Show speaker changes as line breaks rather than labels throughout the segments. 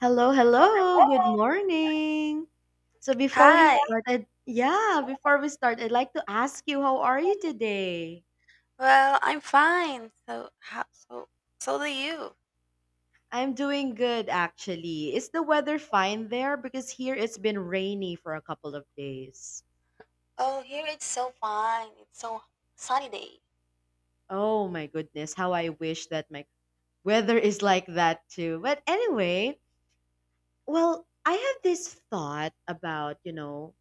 Hello, hello. Good morning. So before we
Hi.
started, yeah, before we start, I'd like to ask you, how are you today?
Well, I'm fine. So how do you?
I'm doing good, actually. Is the weather fine there? Because here it's been rainy for a couple of days.
Oh, here it's so fine. It's so sunny day.
Oh my goodness, how I wish that my weather is like that too. But anyway, I have this thought about,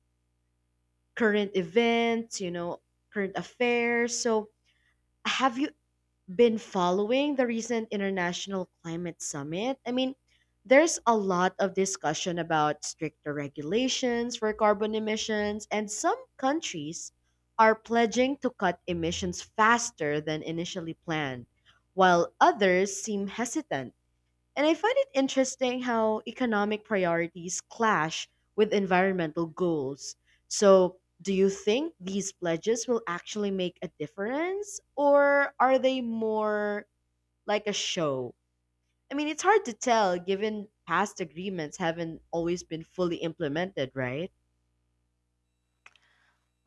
current events, current affairs. So, have you been following the recent International Climate Summit? There's a lot of discussion about stricter regulations for carbon emissions, and some countries are pledging to cut emissions faster than initially planned, while others seem hesitant. And I find it interesting how economic priorities clash with environmental goals. So, do you think these pledges will actually make a difference, or are they more like a show? It's hard to tell given past agreements haven't always been fully implemented, right?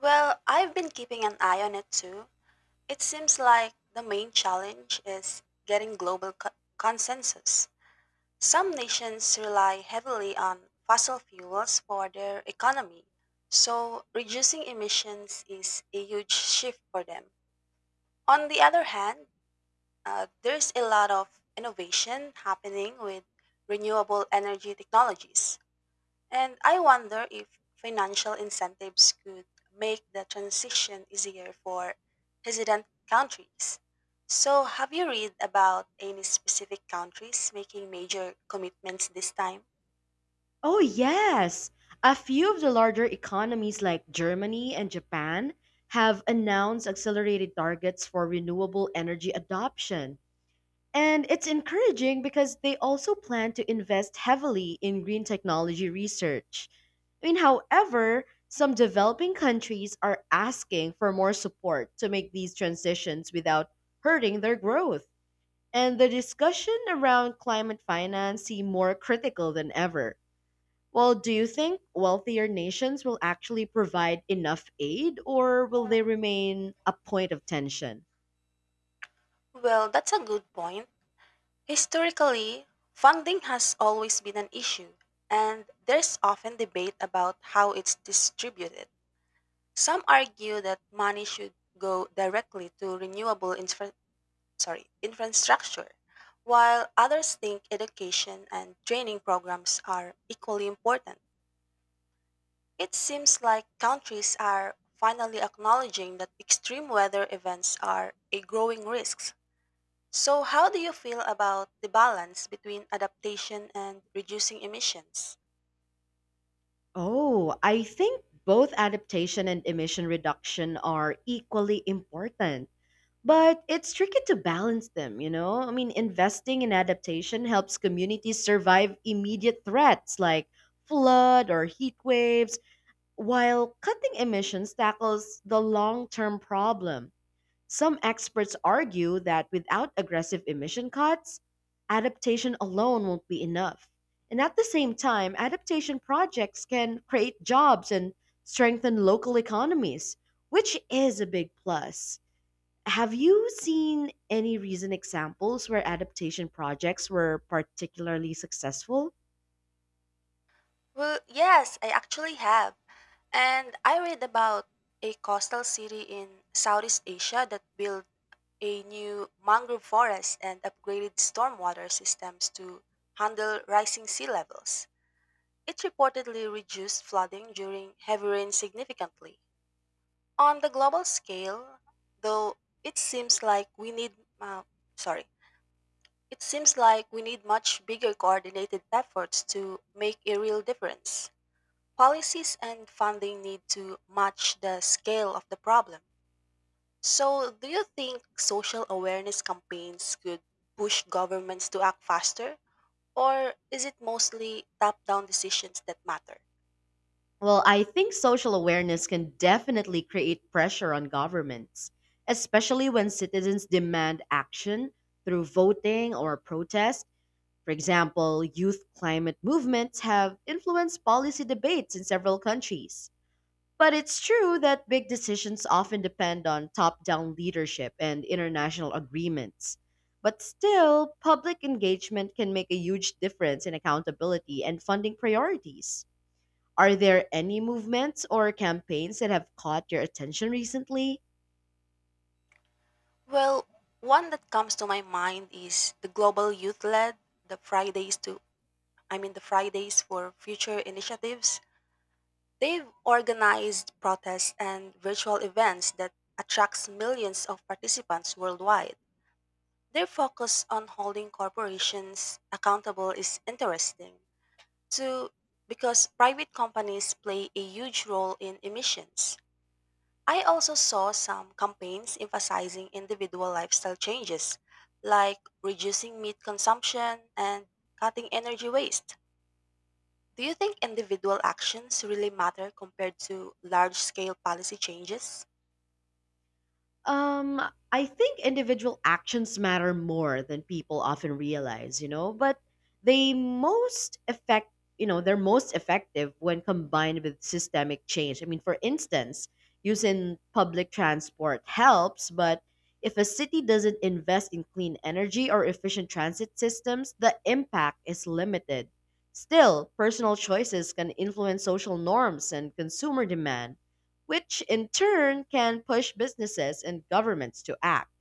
Well, I've been keeping an eye on it too. It seems like the main challenge is getting consensus. Some nations rely heavily on fossil fuels for their economy, so reducing emissions is a huge shift for them. On the other hand, there's a lot of innovation happening with renewable energy technologies, and I wonder if financial incentives could make the transition easier for hesitant countries. So, have you read about any specific countries making major commitments this time?
Oh, yes. A few of the larger economies like Germany and Japan have announced accelerated targets for renewable energy adoption. And it's encouraging because they also plan to invest heavily in green technology research. However, some developing countries are asking for more support to make these transitions without hurting their growth. And the discussion around climate finance seem more critical than ever. Well, do you think wealthier nations will actually provide enough aid or will they remain a point of tension?
Well, that's a good point. Historically, funding has always been an issue, and there's often debate about how it's distributed. Some argue that money should go directly to infrastructure, while others think education and training programs are equally important. It seems like countries are finally acknowledging that extreme weather events are a growing risk. So, how do you feel about the balance between adaptation and reducing emissions?
Oh, I think both adaptation and emission reduction are equally important. But it's tricky to balance them, you know? Investing in adaptation helps communities survive immediate threats like flood or heat waves, while cutting emissions tackles the long term problem. Some experts argue that without aggressive emission cuts, adaptation alone won't be enough. And at the same time, adaptation projects can create jobs and strengthen local economies, which is a big plus. Have you seen any recent examples where adaptation projects were particularly successful?
Well, yes, I actually have. And I read about a coastal city in Southeast Asia that built a new mangrove forest and upgraded stormwater systems to handle rising sea levels. It reportedly reduced flooding during heavy rain significantly. On the global scale, though, it seems like we need uh, sorry, it seems like we need much bigger coordinated efforts to make a real difference. Policies and funding need to match the scale of the problem. So, do you think social awareness campaigns could push governments to act faster? Or is it mostly top down decisions that matter?
Well, I think social awareness can definitely create pressure on governments, especially when citizens demand action through voting or protest. For example, youth climate movements have influenced policy debates in several countries. But it's true that big decisions often depend on top down leadership and international agreements. But still, public engagement can make a huge difference in accountability and funding priorities. Are there any movements or campaigns that have caught your attention recently?
Well, one that comes to my mind is the Global Youth Led, the Fridays to, I mean, the Fridays for Future initiatives. They've organized protests and virtual events that attracts millions of participants worldwide. Their focus on holding corporations accountable is interesting, too, because private companies play a huge role in emissions. I also saw some campaigns emphasizing individual lifestyle changes, like reducing meat consumption and cutting energy waste. Do you think individual actions really matter compared to large scale policy changes?
Um, I think individual actions matter more than people often realize, you know, but they most affect, you know, they're most effective when combined with systemic change. For instance, using public transport helps, but if a city doesn't invest in clean energy or efficient transit systems, the impact is limited. Still, personal choices can influence social norms and consumer demand, which in turn can push businesses and governments to act.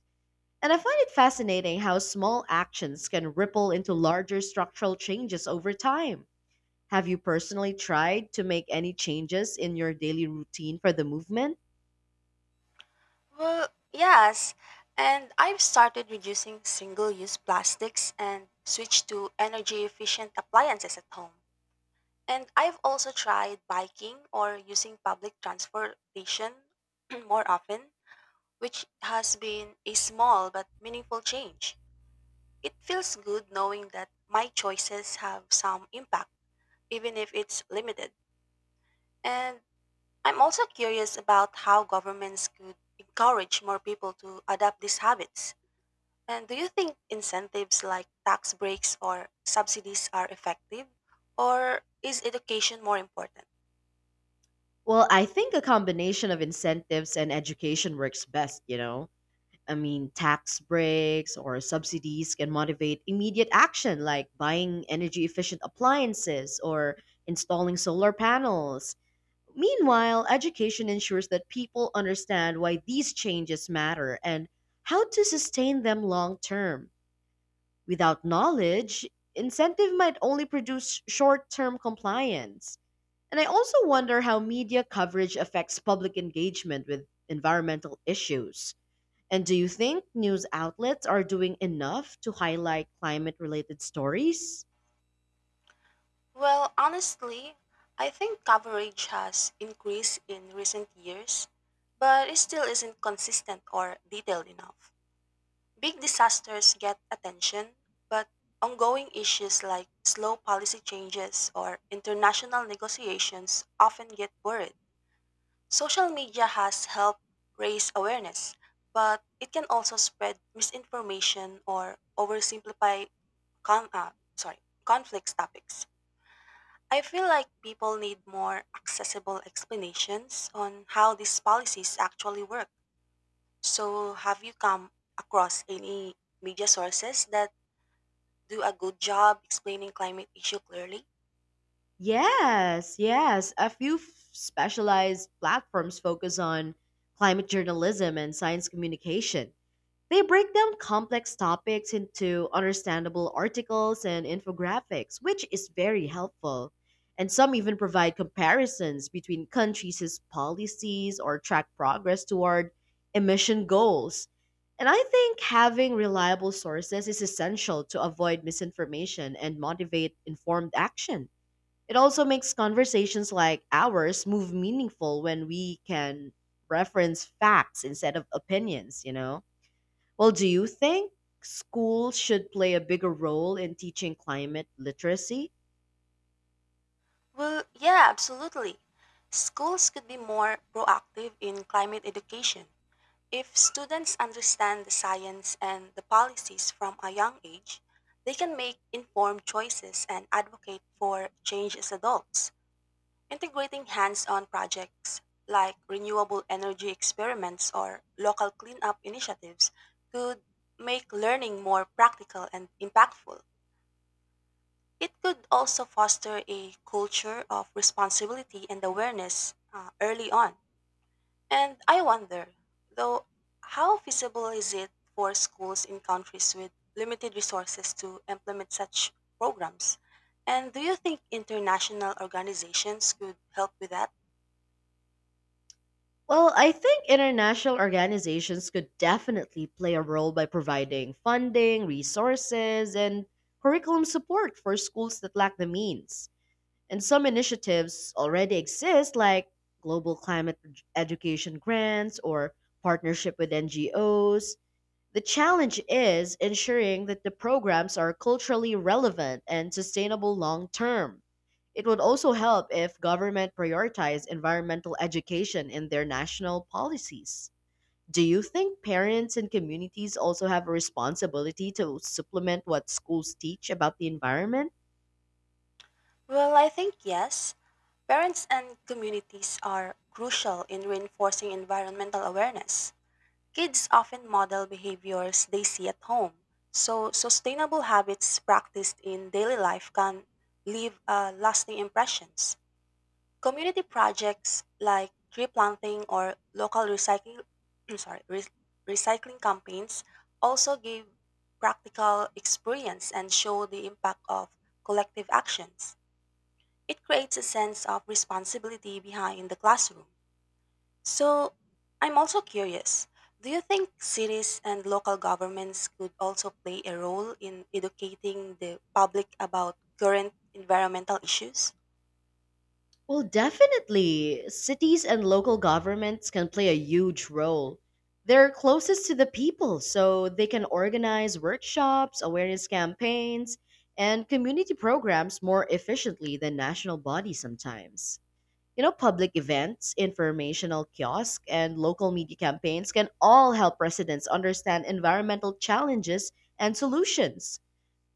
And I find it fascinating how small actions can ripple into larger structural changes over time. Have you personally tried to make any changes in your daily routine for the movement?
Well, yes. And I've started reducing single use plastics and switched to energy efficient appliances at home. And I've also tried biking or using public transportation more often, which has been a small but meaningful change. It feels good knowing that my choices have some impact, even if it's limited. And I'm also curious about how governments could encourage more people to adopt these habits. And do you think incentives like tax breaks or subsidies are effective? Or is education more important?
Well, I think a combination of incentives and education works best, you know. Tax breaks or subsidies can motivate immediate action like buying energy efficient appliances or installing solar panels. Meanwhile, education ensures that people understand why these changes matter and how to sustain them long term. Without knowledge, incentive might only produce short term compliance. And I also wonder how media coverage affects public engagement with environmental issues. And do you think news outlets are doing enough to highlight climate related stories?
Well, honestly, I think coverage has increased in recent years, but it still isn't consistent or detailed enough. Big disasters get attention, but ongoing issues like slow policy changes or international negotiations often get buried. Social media has helped raise awareness, but it can also spread misinformation or con- uh, sorry, conflicts topics. I feel like people need more accessible explanations on how these policies actually work. So, have you come across any media sources that do a good job explaining climate issue clearly?
Yes, yes. Specialized platforms focus on climate journalism and science communication. They break down complex topics into understandable articles and infographics, which is very helpful. And some even provide comparisons between countries' policies or track progress toward emission goals. And I think having reliable sources is essential to avoid misinformation and motivate informed action. It also makes conversations like ours move meaningful when we can reference facts instead of opinions, you know? Well, do you think schools should play a bigger role in teaching climate literacy?
Well, yeah, absolutely. Schools could be more proactive in climate education. If students understand the science and the policies from a young age, they can make informed choices and advocate for change as adults. Integrating hands on projects like renewable energy experiments or local cleanup initiatives could make learning more practical and impactful. It could also foster a culture of responsibility and awareness early on. And I wonder, though, how feasible is it for schools in countries with limited resources to implement such programs? And do you think international organizations could help with that?
Well, I think international organizations could definitely play a role by providing funding, resources, and curriculum support for schools that lack the means. And some initiatives already exist, like global climate education grants or partnership with NGOs. The challenge is ensuring that the programs are culturally relevant and sustainable long term. It would also help if government prioritize environmental education in their national policies. Do you think parents and communities also have a responsibility to supplement what schools teach about the environment?
Well, I think yes. Parents and communities are crucial in reinforcing environmental awareness. Kids often model behaviors they see at home, so sustainable habits practiced in daily life can leave lasting impressions. Community projects like tree planting or local recycling sorry, re- recycling campaigns also give practical experience and show the impact of collective actions. It creates a sense of responsibility behind the classroom. So, I'm also curious, do you think cities and local governments could also play a role in educating the public about current environmental issues?
Well, definitely. Cities and local governments can play a huge role. They're closest to the people, so they can organize workshops, awareness campaigns, and community programs more efficiently than national bodies sometimes. You know, public events, informational kiosks, and local media campaigns can all help residents understand environmental challenges and solutions.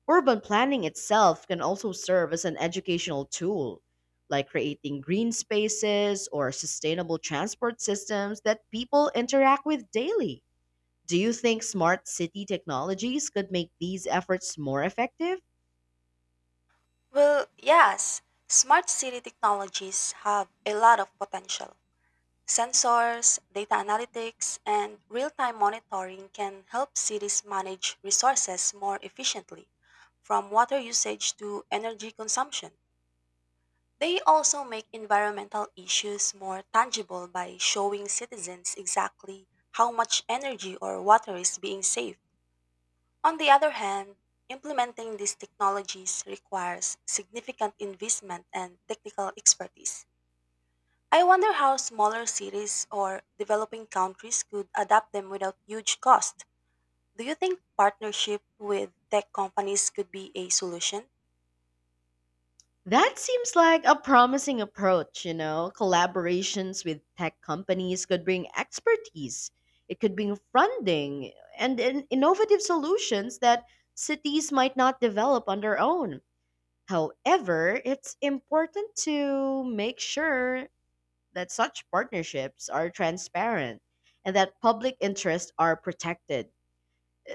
Urban planning itself can also serve as an educational tool, like creating green spaces or sustainable transport systems that people interact with daily. Do you think smart city technologies could make these efforts more effective?
Well, yes, smart city technologies have a lot of potential. Sensors, data analytics, and real time monitoring can help cities manage resources more efficiently, from water usage to energy consumption. They also make environmental issues more tangible by showing citizens exactly how much energy or water is being saved. On the other hand, implementing these technologies requires significant investment and technical expertise. I wonder how smaller cities or developing countries could adapt them without huge cost. Do you think partnership with tech companies could be a solution?
That seems like a promising approach, you know. Collaborations with tech companies could bring expertise, it could bring funding, and innovative solutions that cities might not develop on their own. However, it's important to make sure that such partnerships are transparent and that public interests are protected.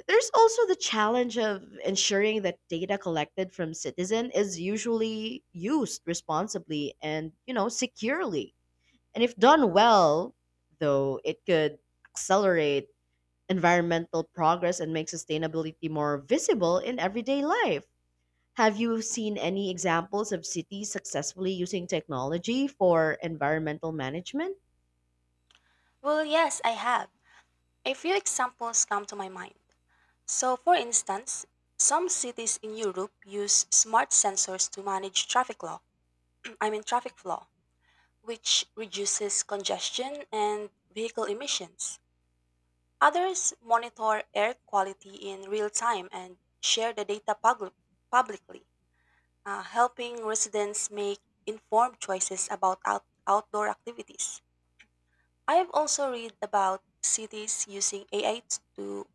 There's also the challenge of ensuring that data collected from citizen is usually used responsibly and, you know, securely. And if done well, though, it could accelerate environmental progress and make sustainability more visible in everyday life. Have you seen any examples of cities successfully using technology for environmental management?
Well, yes, I have. A few examples come to my mind. So, for instance, some cities in Europe use smart sensors to manage traffic law. I mean traffic flow, which reduces congestion and vehicle emissions. Others monitor air quality in real time and share the data publicly, helping residents make informed choices about outdoor activities. I have also read about cities using AI to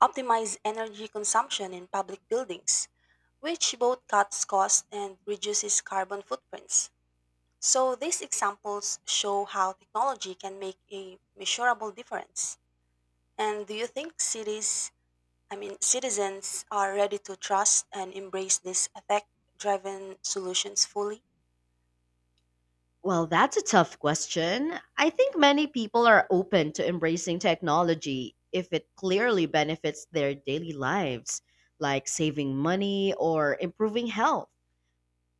optimize energy consumption in public buildings, which both cuts costs and reduces carbon footprints. So these examples show how technology can make a measurable difference. And do you think cities, I mean citizens are ready to trust and embrace these effect-driven solutions fully?
Well, that's a tough question. I think many people are open to embracing technology if it clearly benefits their daily lives, like saving money or improving health.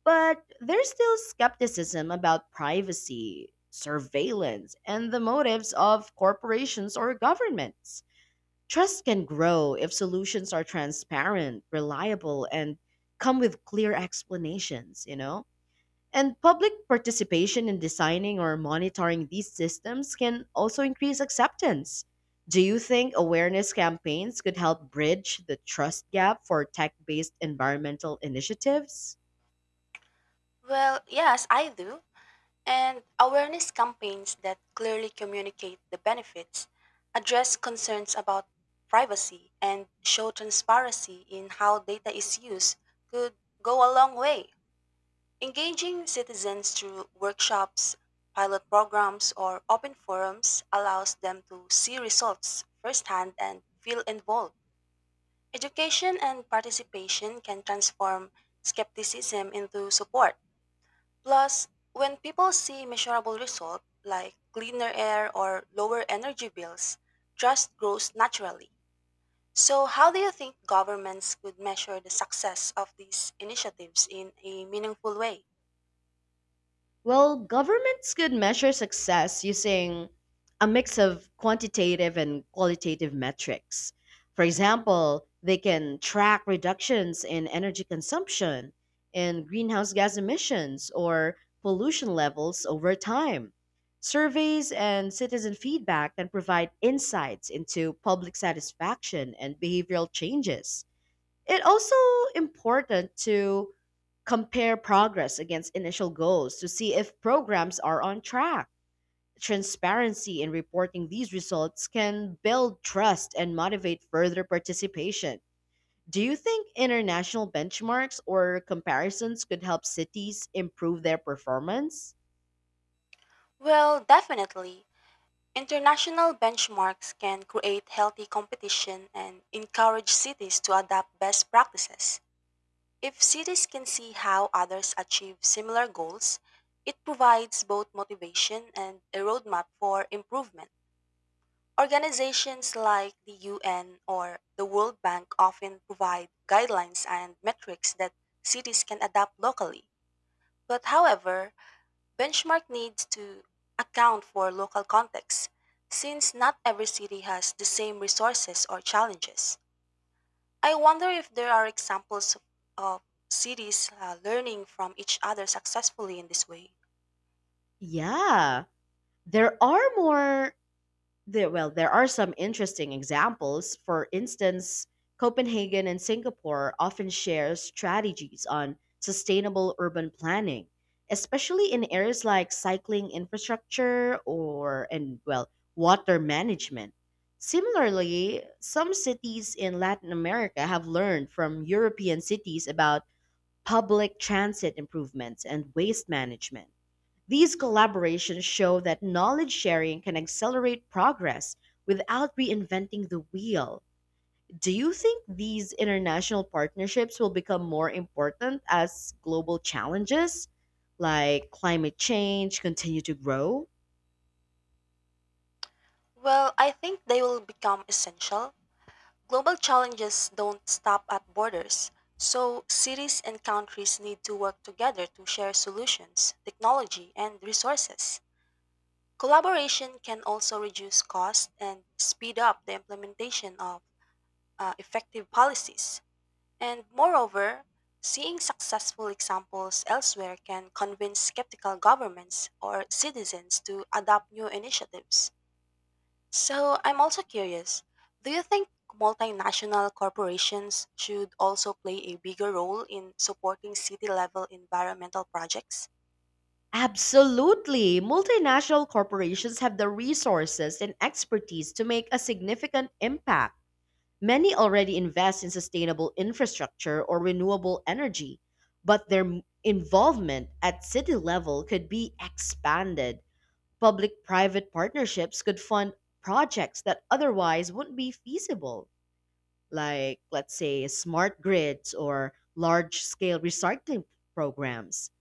But there's still skepticism about privacy, surveillance, and the motives of corporations or governments. Trust can grow if solutions are transparent, reliable, and come with clear explanations, you know? And public participation in designing or monitoring these systems can also increase acceptance. Do you think awareness campaigns could help bridge the trust gap for tech based environmental initiatives?
Well, yes, I do. And awareness campaigns that clearly communicate the benefits, address concerns about privacy, and show transparency in how data is used could go a long way. Engaging citizens through workshops, pilot programs, or open forums allows them to see results firsthand and feel involved. Education and participation can transform skepticism into support. Plus, when people see measurable results like cleaner air or lower energy bills, trust grows naturally. So, how do you think governments could measure the success of these initiatives in a meaningful way?
Well, governments could measure success using a mix of quantitative and qualitative metrics. For example, they can track reductions in energy consumption, in greenhouse gas emissions, or pollution levels over time. Surveys and citizen feedback can provide insights into public satisfaction and behavioral changes. It also important to compare progress against initial goals to see if programs are on track. Transparency in reporting these results can build trust and motivate further participation. Do you think international benchmarks or comparisons could help cities improve their performance?
Well, definitely. International benchmarks can create healthy competition and encourage cities to adopt best practices. If cities can see how others achieve similar goals, it provides both motivation and a roadmap for improvement. Organizations like the UN or the World Bank often provide guidelines and metrics that cities can adopt locally. But however, benchmark needs to account for local context, since not every city has the same resources or challenges. I wonder if there are examples of cities learning from each other successfully in this way.
Yeah, there are more There, well, there are some interesting examples. For instance, Copenhagen and Singapore often share strategies on sustainable urban planning, especially in areas like cycling infrastructure or and well, water management. Similarly, some cities in Latin America have learned from European cities about public transit improvements and waste management. These collaborations show that knowledge sharing can accelerate progress without reinventing the wheel. Do you think these international partnerships will become more important as global challenges like climate change continue to grow?
Well, I think they will become essential. Global challenges don't stop at borders, so cities and countries need to work together to share solutions, technology, and resources. Collaboration can also reduce costs and speed up the implementation of effective policies. And moreover, seeing successful examples elsewhere can convince skeptical governments or citizens to adopt new initiatives. So I'm also curious, do you think multinational corporations should also play a bigger role in supporting city level environmental projects?
Absolutely. Multinational corporations have the resources and expertise to make a significant impact. Many already invest in sustainable infrastructure or renewable energy, but their involvement at city level could be expanded. Public private partnerships could fund projects that otherwise wouldn't be feasible, like, let's say, smart grids or large scale recycling programs.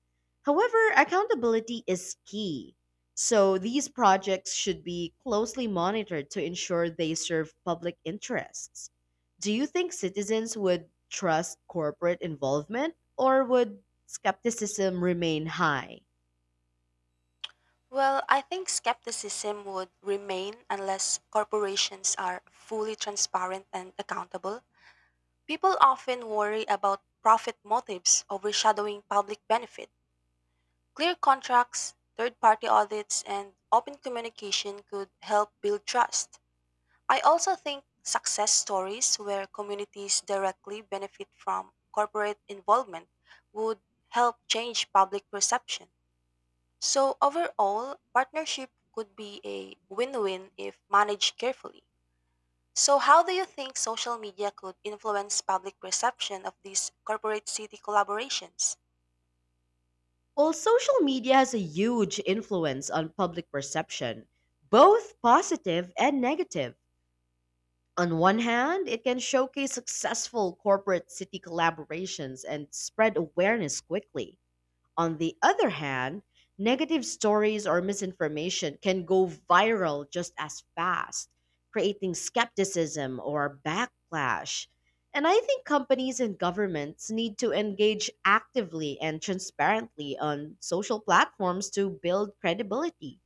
However, accountability is key. So these projects should be closely monitored to ensure they serve public interests. Do you think citizens would trust corporate involvement or would skepticism remain high?
Well, I think skepticism would remain unless corporations are fully transparent and accountable. People often worry about profit motives overshadowing public benefit. Clear contracts, third party audits, and open communication could help build trust. I also think success stories where communities directly benefit from corporate involvement would help change public perception. So, overall, partnership could be a win win if managed carefully. So, how do you think social media could influence public perception of these corporate city collaborations?
Well, social media has a huge influence on public perception, both positive and negative. On one hand, it can showcase successful corporate city collaborations and spread awareness quickly. On the other hand, negative stories or misinformation can go viral just as fast, creating skepticism or backlash. And I think companies and governments need to engage actively and transparently on social platforms to build credibility.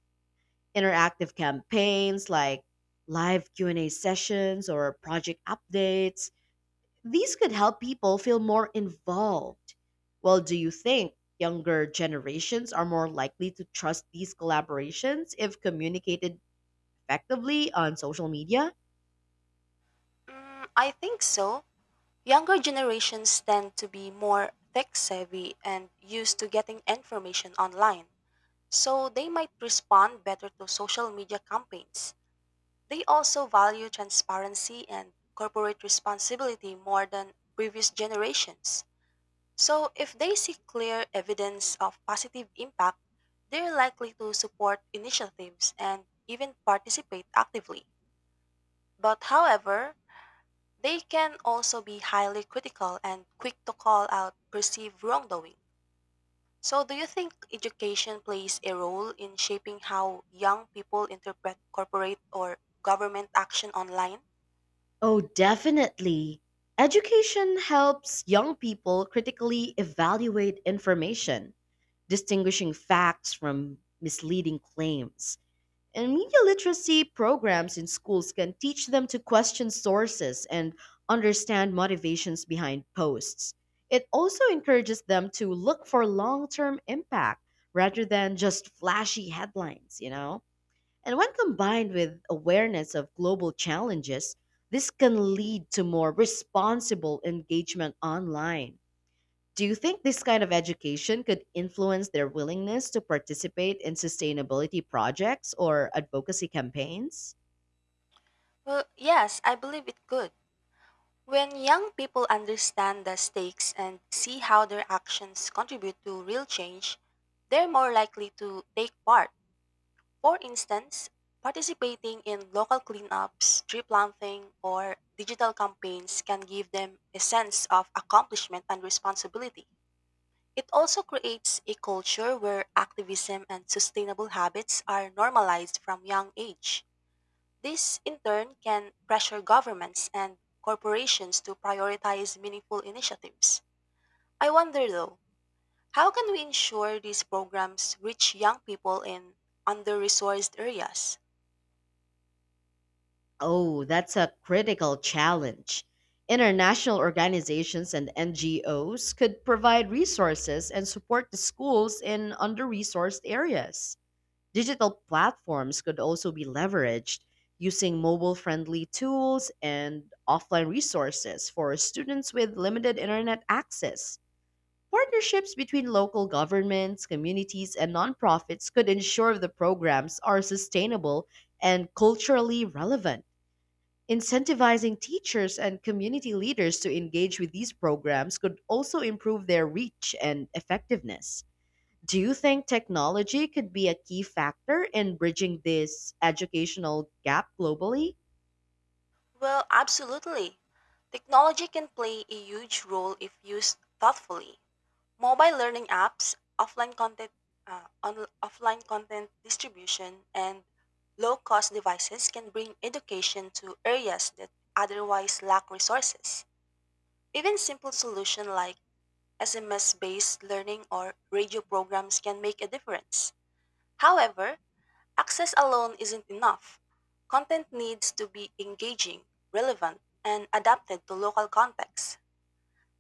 Interactive campaigns like live Q&A sessions or project updates, these could help people feel more involved. Well, do you think younger generations are more likely to trust these collaborations if communicated effectively on social media?
Mm, I think so. Younger generations tend to be more tech savvy and used to getting information online, so they might respond better to social media campaigns. They also value transparency and corporate responsibility more than previous generations. So, if they see clear evidence of positive impact, they're likely to support initiatives and even participate actively. But, however, they can also be highly critical and quick to call out perceived wrongdoing. So, do you think education plays a role in shaping how young people interpret corporate or government action online?
Oh, definitely. Education helps young people critically evaluate information, distinguishing facts from misleading claims. And media literacy programs in schools can teach them to question sources and understand motivations behind posts. It also encourages them to look for long term impact rather than just flashy headlines, you know? And when combined with awareness of global challenges, this can lead to more responsible engagement online. Do you think this kind of education could influence their willingness to participate in sustainability projects or advocacy campaigns?
Well, yes, I believe it could. When young people understand the stakes and see how their actions contribute to real change, they're more likely to take part. For instance, participating in local cleanups, tree planting, or digital campaigns can give them a sense of accomplishment and responsibility. It also creates a culture where activism and sustainable habits are normalized from young age. This, in turn, can pressure governments and corporations to prioritize meaningful initiatives. I wonder, though, how can we ensure these programs reach young people in under resourced areas?
Oh, that's a critical challenge. International organizations and NGOs could provide resources and support the schools in under resourced areas. Digital platforms could also be leveraged using mobile friendly tools and offline resources for students with limited internet access. Partnerships between local governments, communities, and nonprofits could ensure the programs are sustainable and culturally relevant. Incentivizing teachers and community leaders to engage with these programs could also improve their reach and effectiveness. Do you think technology could be a key factor in bridging this educational gap globally?
Well, absolutely. Technology can play a huge role if used thoughtfully. Mobile learning apps, offline content distribution, and low cost devices can bring education to areas that otherwise lack resources. Even simple solutions like SMS-based learning or radio programs can make a difference. However, access alone isn't enough. Content needs to be engaging, relevant, and adapted to local contexts.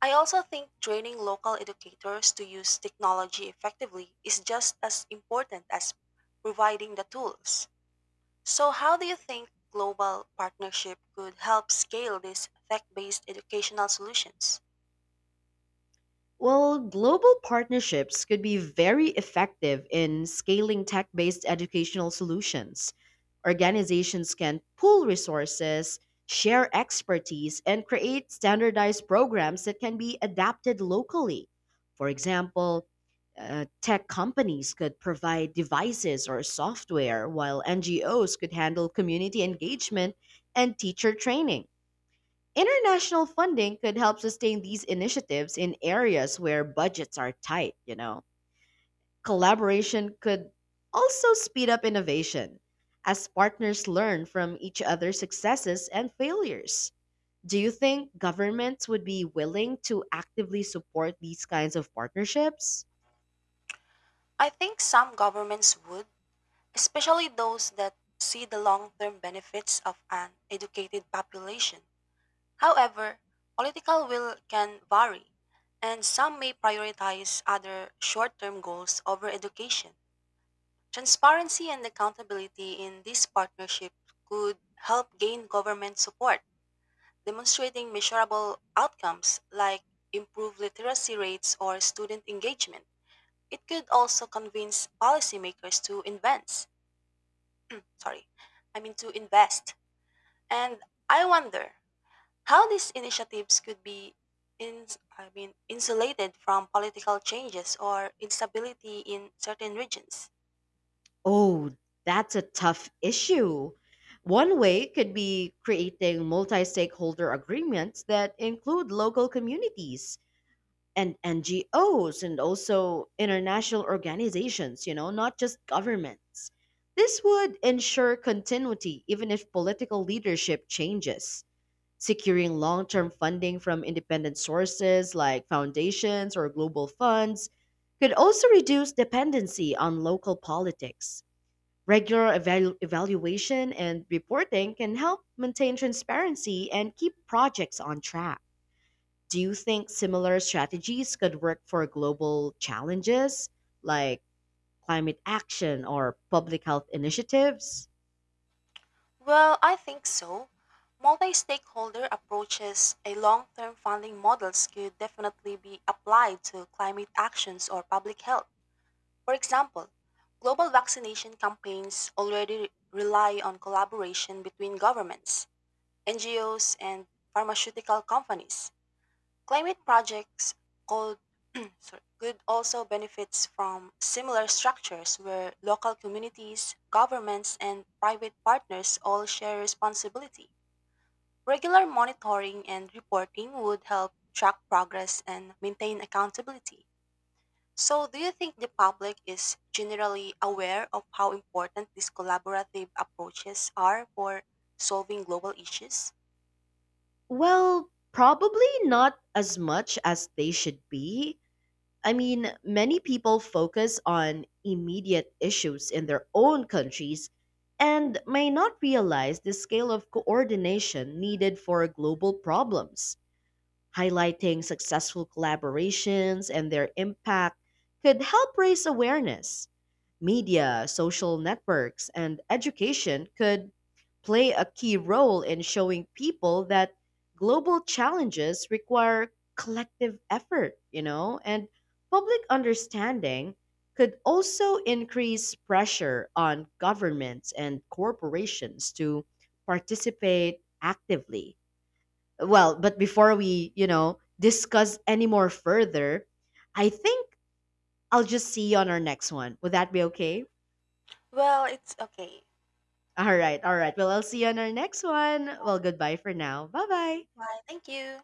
I also think training local educators to use technology effectively is just as important as providing the tools. So, how do you think global partnership could help scale these tech based educational solutions?
Well, global partnerships could be very effective in scaling tech based educational solutions. Organizations can pool resources, share expertise, and create standardized programs that can be adapted locally. For example, tech companies could provide devices or software, while NGOs could handle community engagement and teacher training. International funding could help sustain these initiatives in areas where budgets are tight, you know. Collaboration could also speed up innovation as partners learn from each other's successes and failures. Do you think governments would be willing to actively support these kinds of partnerships?
I think some governments would, especially those that see the long term benefits of an educated population. However, political will can vary, and some may prioritize other short term goals over education. Transparency and accountability in this partnership could help gain government support, demonstrating measurable outcomes like improved literacy rates or student engagement. It could also convince policymakers to invent, sorry, I mean to invest. And I wonder how these initiatives could be in, insulated from political changes or instability in certain regions.
Oh, that's a tough issue. One way could be creating multi stakeholder agreements that include local communities and NGOs and also international organizations, you know, not just governments. This would ensure continuity even if political leadership changes, securing long term funding from independent sources like foundations or global funds. Could also reduce dependency on local politics. Regular evaluation and reporting can help maintain transparency and keep projects on track. Do you think similar strategies could work for global challenges like climate action or public health initiatives?
Well, I think so. Multi-stakeholder approaches a long-term funding models could definitely be applied to climate actions or public health. For example, global vaccination campaigns already rely on collaboration between governments, NGOs, and pharmaceutical companies. Climate projects called sorry, could also benefits from similar structures where local communities, governments, and private partners all share responsibility. Regular monitoring and reporting would help track progress and maintain accountability. So, do you think the public is generally aware of how important these collaborative approaches are for solving global issues?
Well, probably not as much as they should be. Many people focus on immediate issues in their own countries and may not realize the scale of coordination needed for global problems. Highlighting successful collaborations and their impact could help raise awareness. Media, social networks, and education could play a key role in showing people that global challenges require collective effort, you know, and public understanding could also increase pressure on governments and corporations to participate actively. But before we, discuss any more further, I think I'll just see you on our next one. Would that be okay?
Well, it's okay.
All right, all right. Well, I'll see you on our next one. Well, goodbye for now. Bye bye.
Bye. Thank you.